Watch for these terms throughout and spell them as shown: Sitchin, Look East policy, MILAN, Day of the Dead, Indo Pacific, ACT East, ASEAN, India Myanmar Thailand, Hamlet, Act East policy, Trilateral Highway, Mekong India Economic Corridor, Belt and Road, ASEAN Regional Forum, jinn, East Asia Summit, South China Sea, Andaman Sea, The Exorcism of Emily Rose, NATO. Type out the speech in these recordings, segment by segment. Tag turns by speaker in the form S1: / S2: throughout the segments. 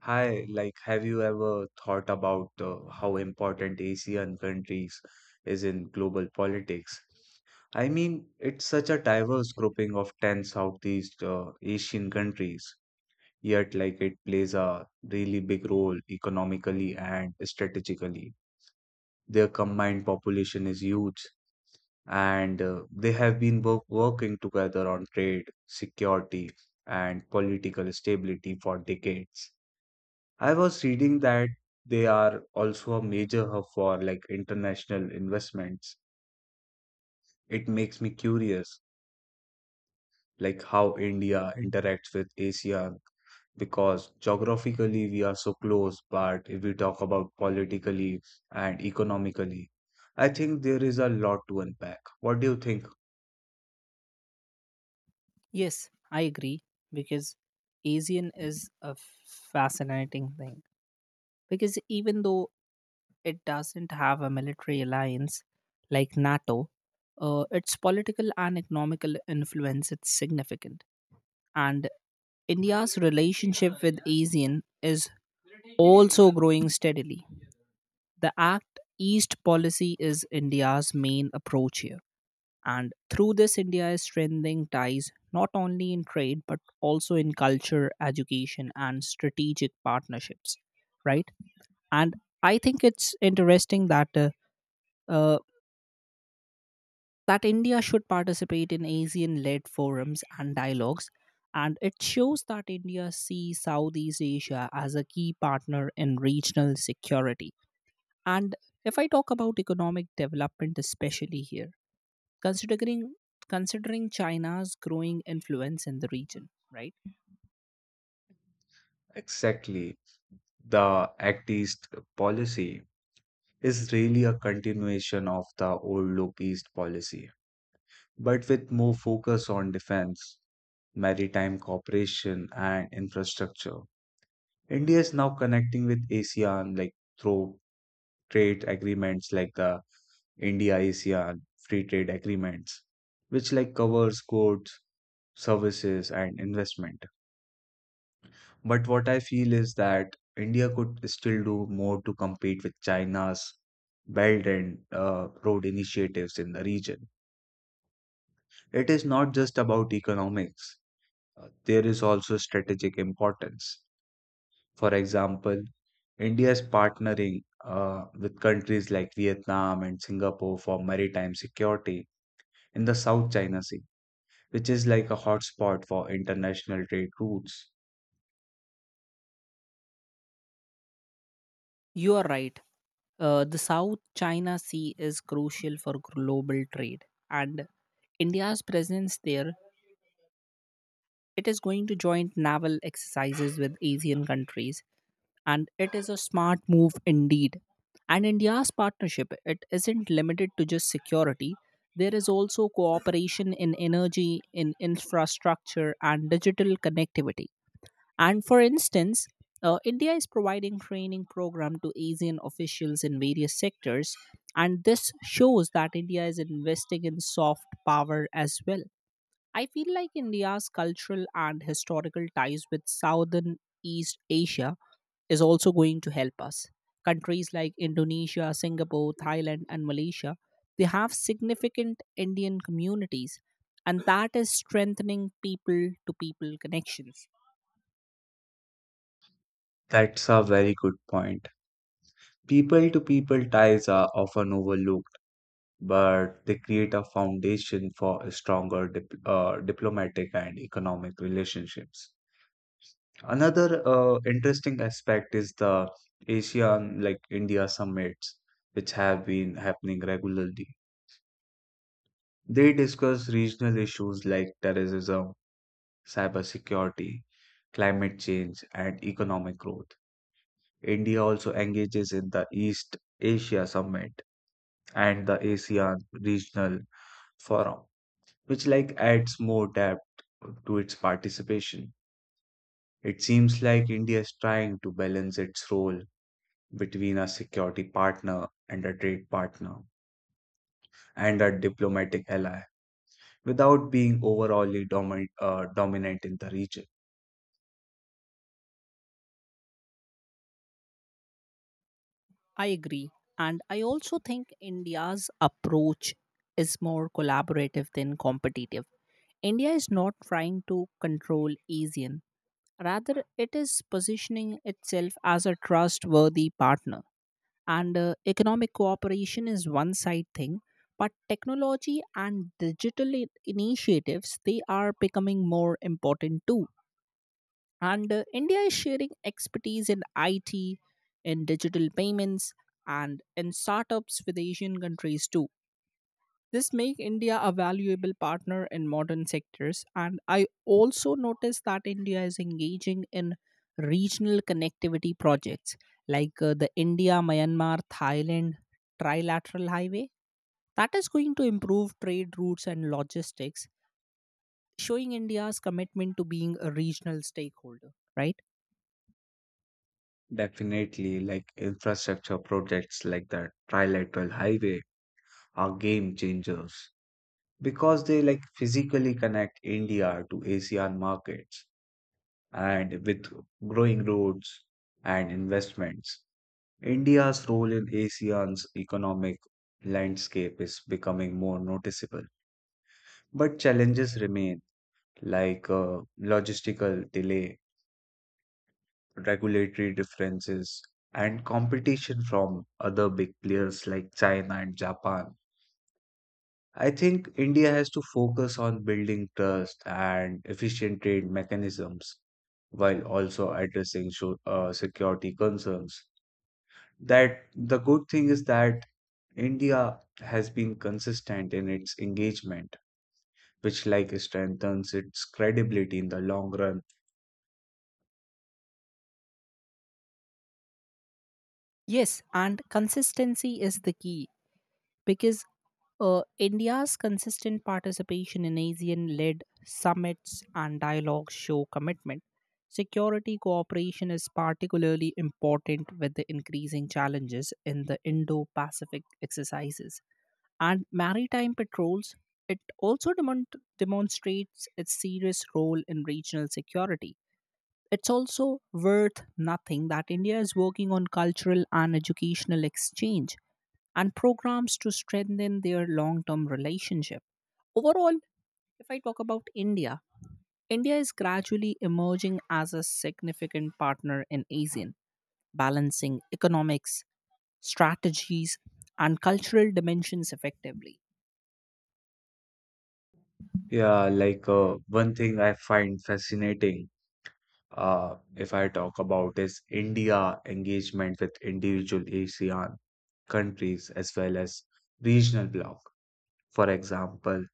S1: Hi, like, have you ever thought about how important ASEAN countries is in global politics? I mean, it's such a diverse grouping of 10 Southeast Asian countries, yet like it plays a really big role economically and strategically. Their combined population is huge, and they have been working together on trade, security, and political stability for decades. I was reading that they are also a major hub for like international investments. It makes me curious, like how India interacts with ASEAN because geographically we are so close, but if we talk about politically and economically, I think there is a lot to unpack. What do you think
S2: Yes, I agree because Asian is a fascinating thing. Because even though it doesn't have a military alliance like NATO, its political and economical influence is significant. And India's relationship with ASEAN is also growing steadily. The ACT East policy is India's main approach here. And through this, India is strengthening ties not only in trade but also in culture, education, and strategic partnerships, right? And I think it's interesting that uh, that India should participate in ASEAN-led forums and dialogues, and it shows that India sees Southeast Asia as a key partner in regional security. And if I talk about economic development, especially here, considering considering China's growing influence in the region, right?
S1: exactly? The Act East policy is really a continuation of the old Look East policy, but with more focus on defense, maritime cooperation, and infrastructure. India is now connecting with ASEAN like through trade agreements like the India ASEAN free trade agreements, which like covers goods, services, and investment. But what I feel is that India could still do more to compete with China's Belt and Road initiatives in the region. It is not just about economics. There is also strategic importance. For example, India is partnering with countries like Vietnam and Singapore for maritime security in the South China Sea, which is like a hotspot for international trade routes.
S2: You are right. The South China Sea is crucial for global trade, and India's presence there. It is going to joint naval exercises with Asian countries, and it is a smart move indeed. And India's partnership, it isn't limited to just security. There is also cooperation in energy, in infrastructure, and digital connectivity. And for instance, India is providing training program to ASEAN officials in various sectors, and this shows that India is investing in soft power as well. I feel like India's cultural and historical ties with Southern East Asia is also going to help us. Countries like Indonesia, Singapore, Thailand, and Malaysia, they have significant Indian communities, and that is strengthening people to people connections.
S1: That's a very good point. People to people ties are often overlooked, but they create a foundation for stronger diplomatic and economic relationships. Another interesting aspect is the ASEAN, like India summits, which have been happening regularly. They discuss regional issues like terrorism, cybersecurity, climate change, and economic growth. India also engages in the East Asia Summit and the ASEAN Regional Forum, which like adds more depth to its participation. It seems like India is trying to balance its role between a security partner and a trade partner and a diplomatic ally without being overallly dominant in the region.
S2: I agree. And I also think India's approach is more collaborative than competitive. India is not trying to control ASEAN. Rather, it is positioning itself as a trustworthy partner. And economic cooperation is one side thing, but technology and digital initiatives, they are becoming more important too. And India is sharing expertise in IT, in digital payments, and in startups with Asian countries too. This make India a valuable partner in modern sectors, and I also noticed that India is engaging in regional connectivity projects like the India Myanmar Thailand trilateral highway that is going to improve trade routes and logistics, showing India's commitment to being a regional stakeholder, right?
S1: Definitely, like infrastructure projects like the Trilateral Highway are game changers because they like physically connect India to ASEAN markets and with growing roads and investments. India's role in ASEAN's economic landscape is becoming more noticeable. But challenges remain, like logistical delay, regulatory differences, and competition from other big players like China and Japan. I think India has to focus on building trust and efficient trade mechanisms while also addressing security concerns. That the good thing is that India has been consistent in its engagement, which like strengthens its credibility in the long run.
S2: Yes, and consistency is the key because India's consistent participation in ASEAN led summits and dialogues show commitment. Security cooperation is particularly important with the increasing challenges in the Indo Pacific exercises. And maritime patrols, it also demonstrates its serious role in regional security. It's also worth nothing that India is working on cultural and educational exchange and programs to strengthen their long term relationship. Overall, if I talk about India, India is gradually emerging as a significant partner in ASEAN, balancing economics, strategies, and cultural dimensions effectively.
S1: Yeah, like one thing I find fascinating, if I talk about, is India engagement with individual ASEAN countries as well as regional bloc. For example,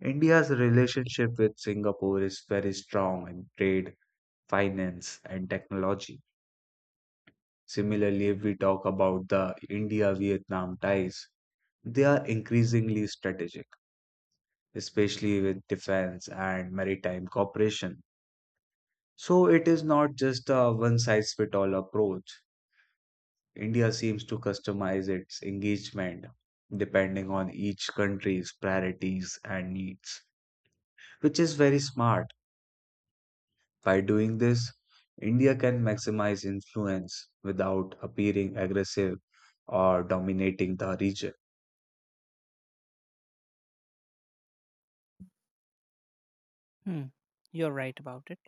S1: India's relationship with Singapore is very strong in trade, finance, and technology. Similarly, if we talk about the India-Vietnam ties, they are increasingly strategic, especially with defense and maritime cooperation. So it is not just a one size fit all approach. India seems to customize its engagement depending on each country's priorities and needs, which is very smart. By doing this, India can maximize influence without appearing aggressive or dominating the region.
S2: Hmm, you're right about it.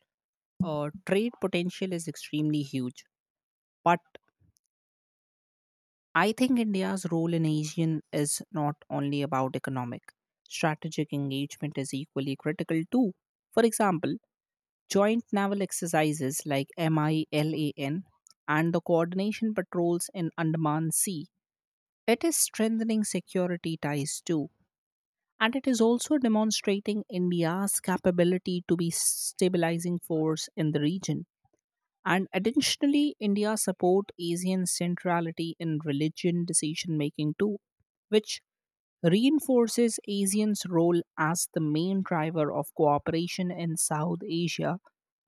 S2: Trade potential is extremely huge, but I think India's role in ASEAN is not only about economic. Strategic engagement is equally critical too. For example, joint naval exercises like MILAN and the coordination patrols in Andaman Sea, it is strengthening security ties too. And it is also demonstrating India's capability to be stabilizing force in the region. And additionally, India support Asian centrality in religion decision making too, which reinforces ASEAN's role as the main driver of cooperation in South Asia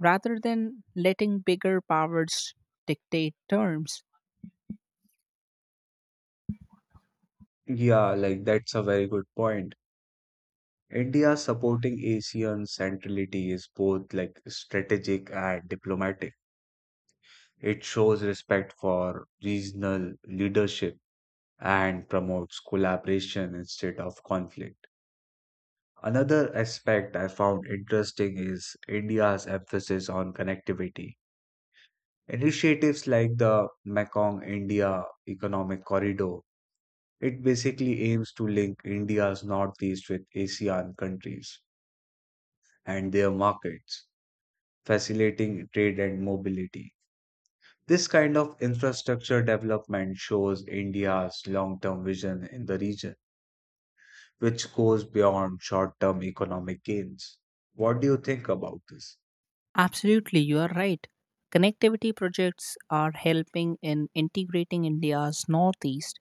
S2: rather than letting bigger powers dictate terms.
S1: Yeah, like that's a very good point. India supporting ASEAN centrality is both like strategic and diplomatic. It shows respect for regional leadership and promotes collaboration instead of conflict. Another aspect I found interesting is India's emphasis on connectivity. Initiatives like the Mekong India Economic Corridor, it basically aims to link India's northeast with ASEAN countries and their markets, facilitating trade and mobility. This kind of infrastructure development shows India's long term vision in the region, which goes beyond short term economic gains. What do you think about this?
S2: Absolutely, you are right. Connectivity projects are helping in integrating India's Northeast,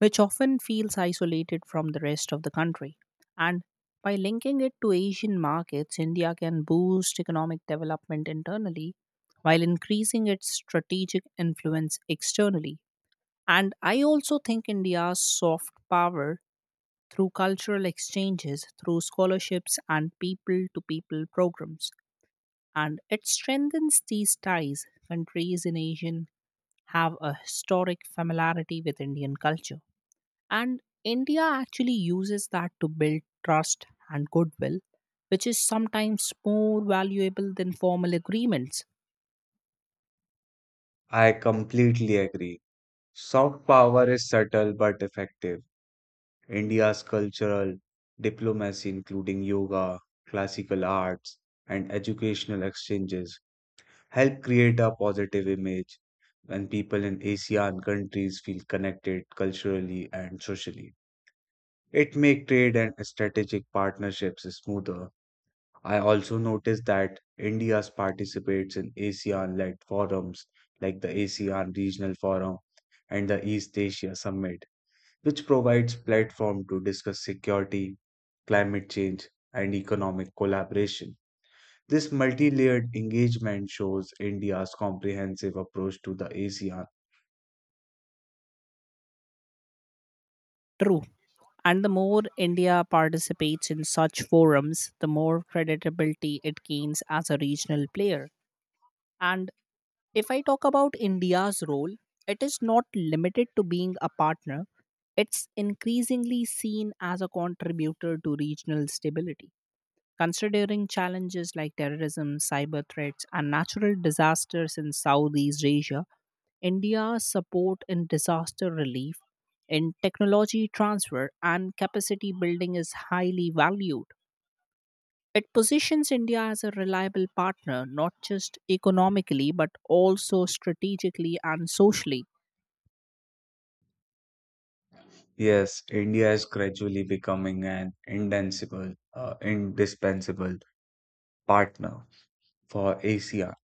S2: which often feels isolated from the rest of the country. And by linking it to Asian markets, India can boost economic development internally while increasing its strategic influence externally. And I also think India's soft power through cultural exchanges, through scholarships, and people to people programs. And it strengthens these ties. Countries in Asian have a historic familiarity with Indian culture. And India actually uses that to build trust and goodwill, which is sometimes more valuable than formal agreements.
S1: I completely agree. Soft power is subtle but effective. India's cultural diplomacy, including yoga, classical arts, and educational exchanges, help create a positive image when people in ASEAN countries feel connected culturally and socially. It makes trade and strategic partnerships smoother. I also noticed that India participates in ASEAN-led forums like the ASEAN Regional Forum and the East Asia Summit, which provides platform to discuss security, climate change, and economic collaboration. This multi-layered engagement shows India's comprehensive approach to the ASEAN.
S2: True. And the more India participates in such forums, the more credibility it gains as a regional player. And if I talk about India's role, it is not limited to being a partner, it's increasingly seen as a contributor to regional stability. Considering challenges like terrorism, cyber threats, and natural disasters in Southeast Asia, India's support in disaster relief, in technology transfer, and capacity building is highly valued. It positions India as a reliable partner, not just economically, but also strategically and socially.
S1: Yes, India is gradually becoming an indispensable partner for ACR.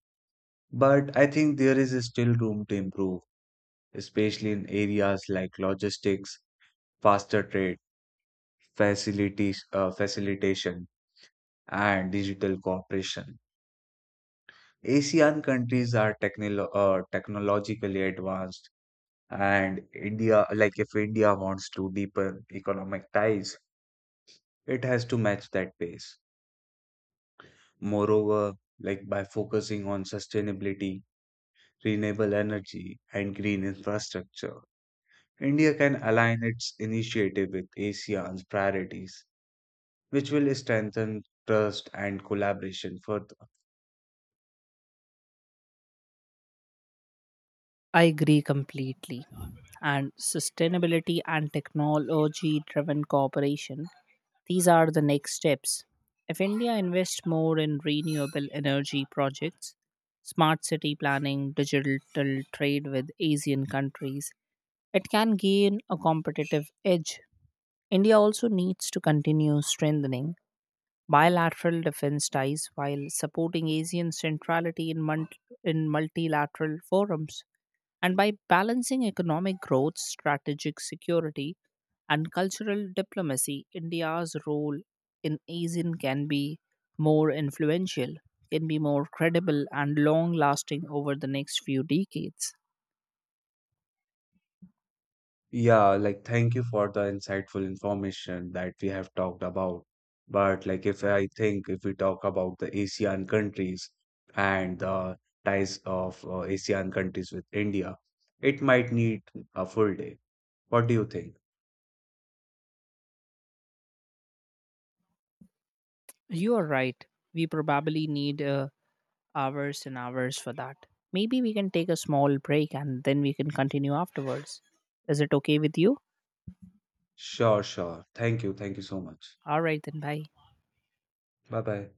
S1: But I think there is still room to improve, especially in areas like logistics, faster trade, facilitation, and digital cooperation. ASEAN countries are technologically advanced, and India, like if India wants to deepen economic ties, it has to match that pace. Moreover, like by focusing on sustainability, renewable energy, and green infrastructure. India can align its initiative with ASEAN's priorities, which will strengthen trust and collaboration further.
S2: I agree completely. And sustainability and technology driven cooperation, these are the next steps. If India invests more in renewable energy projects, smart city planning, digital trade with Asian countries, it can gain a competitive edge. India also needs to continue strengthening bilateral defense ties while supporting ASEAN centrality in, in multilateral forums. And by balancing economic growth, strategic security, and cultural diplomacy, India's role in ASEAN can be more influential, can be more credible, and long lasting over the next few decades.
S1: Yeah, like thank you for the insightful information that we have talked about. But like if I think if we talk about the ASEAN countries and the ties of ASEAN countries with India, it might need a full day. What do you think?
S2: You are right. We probably need hours and hours for that. Maybe we can take a small break and then we can continue afterwards. Is it okay with you?
S1: Sure, sure. Thank you. Thank you so much.
S2: All right, then, bye.
S1: Bye bye.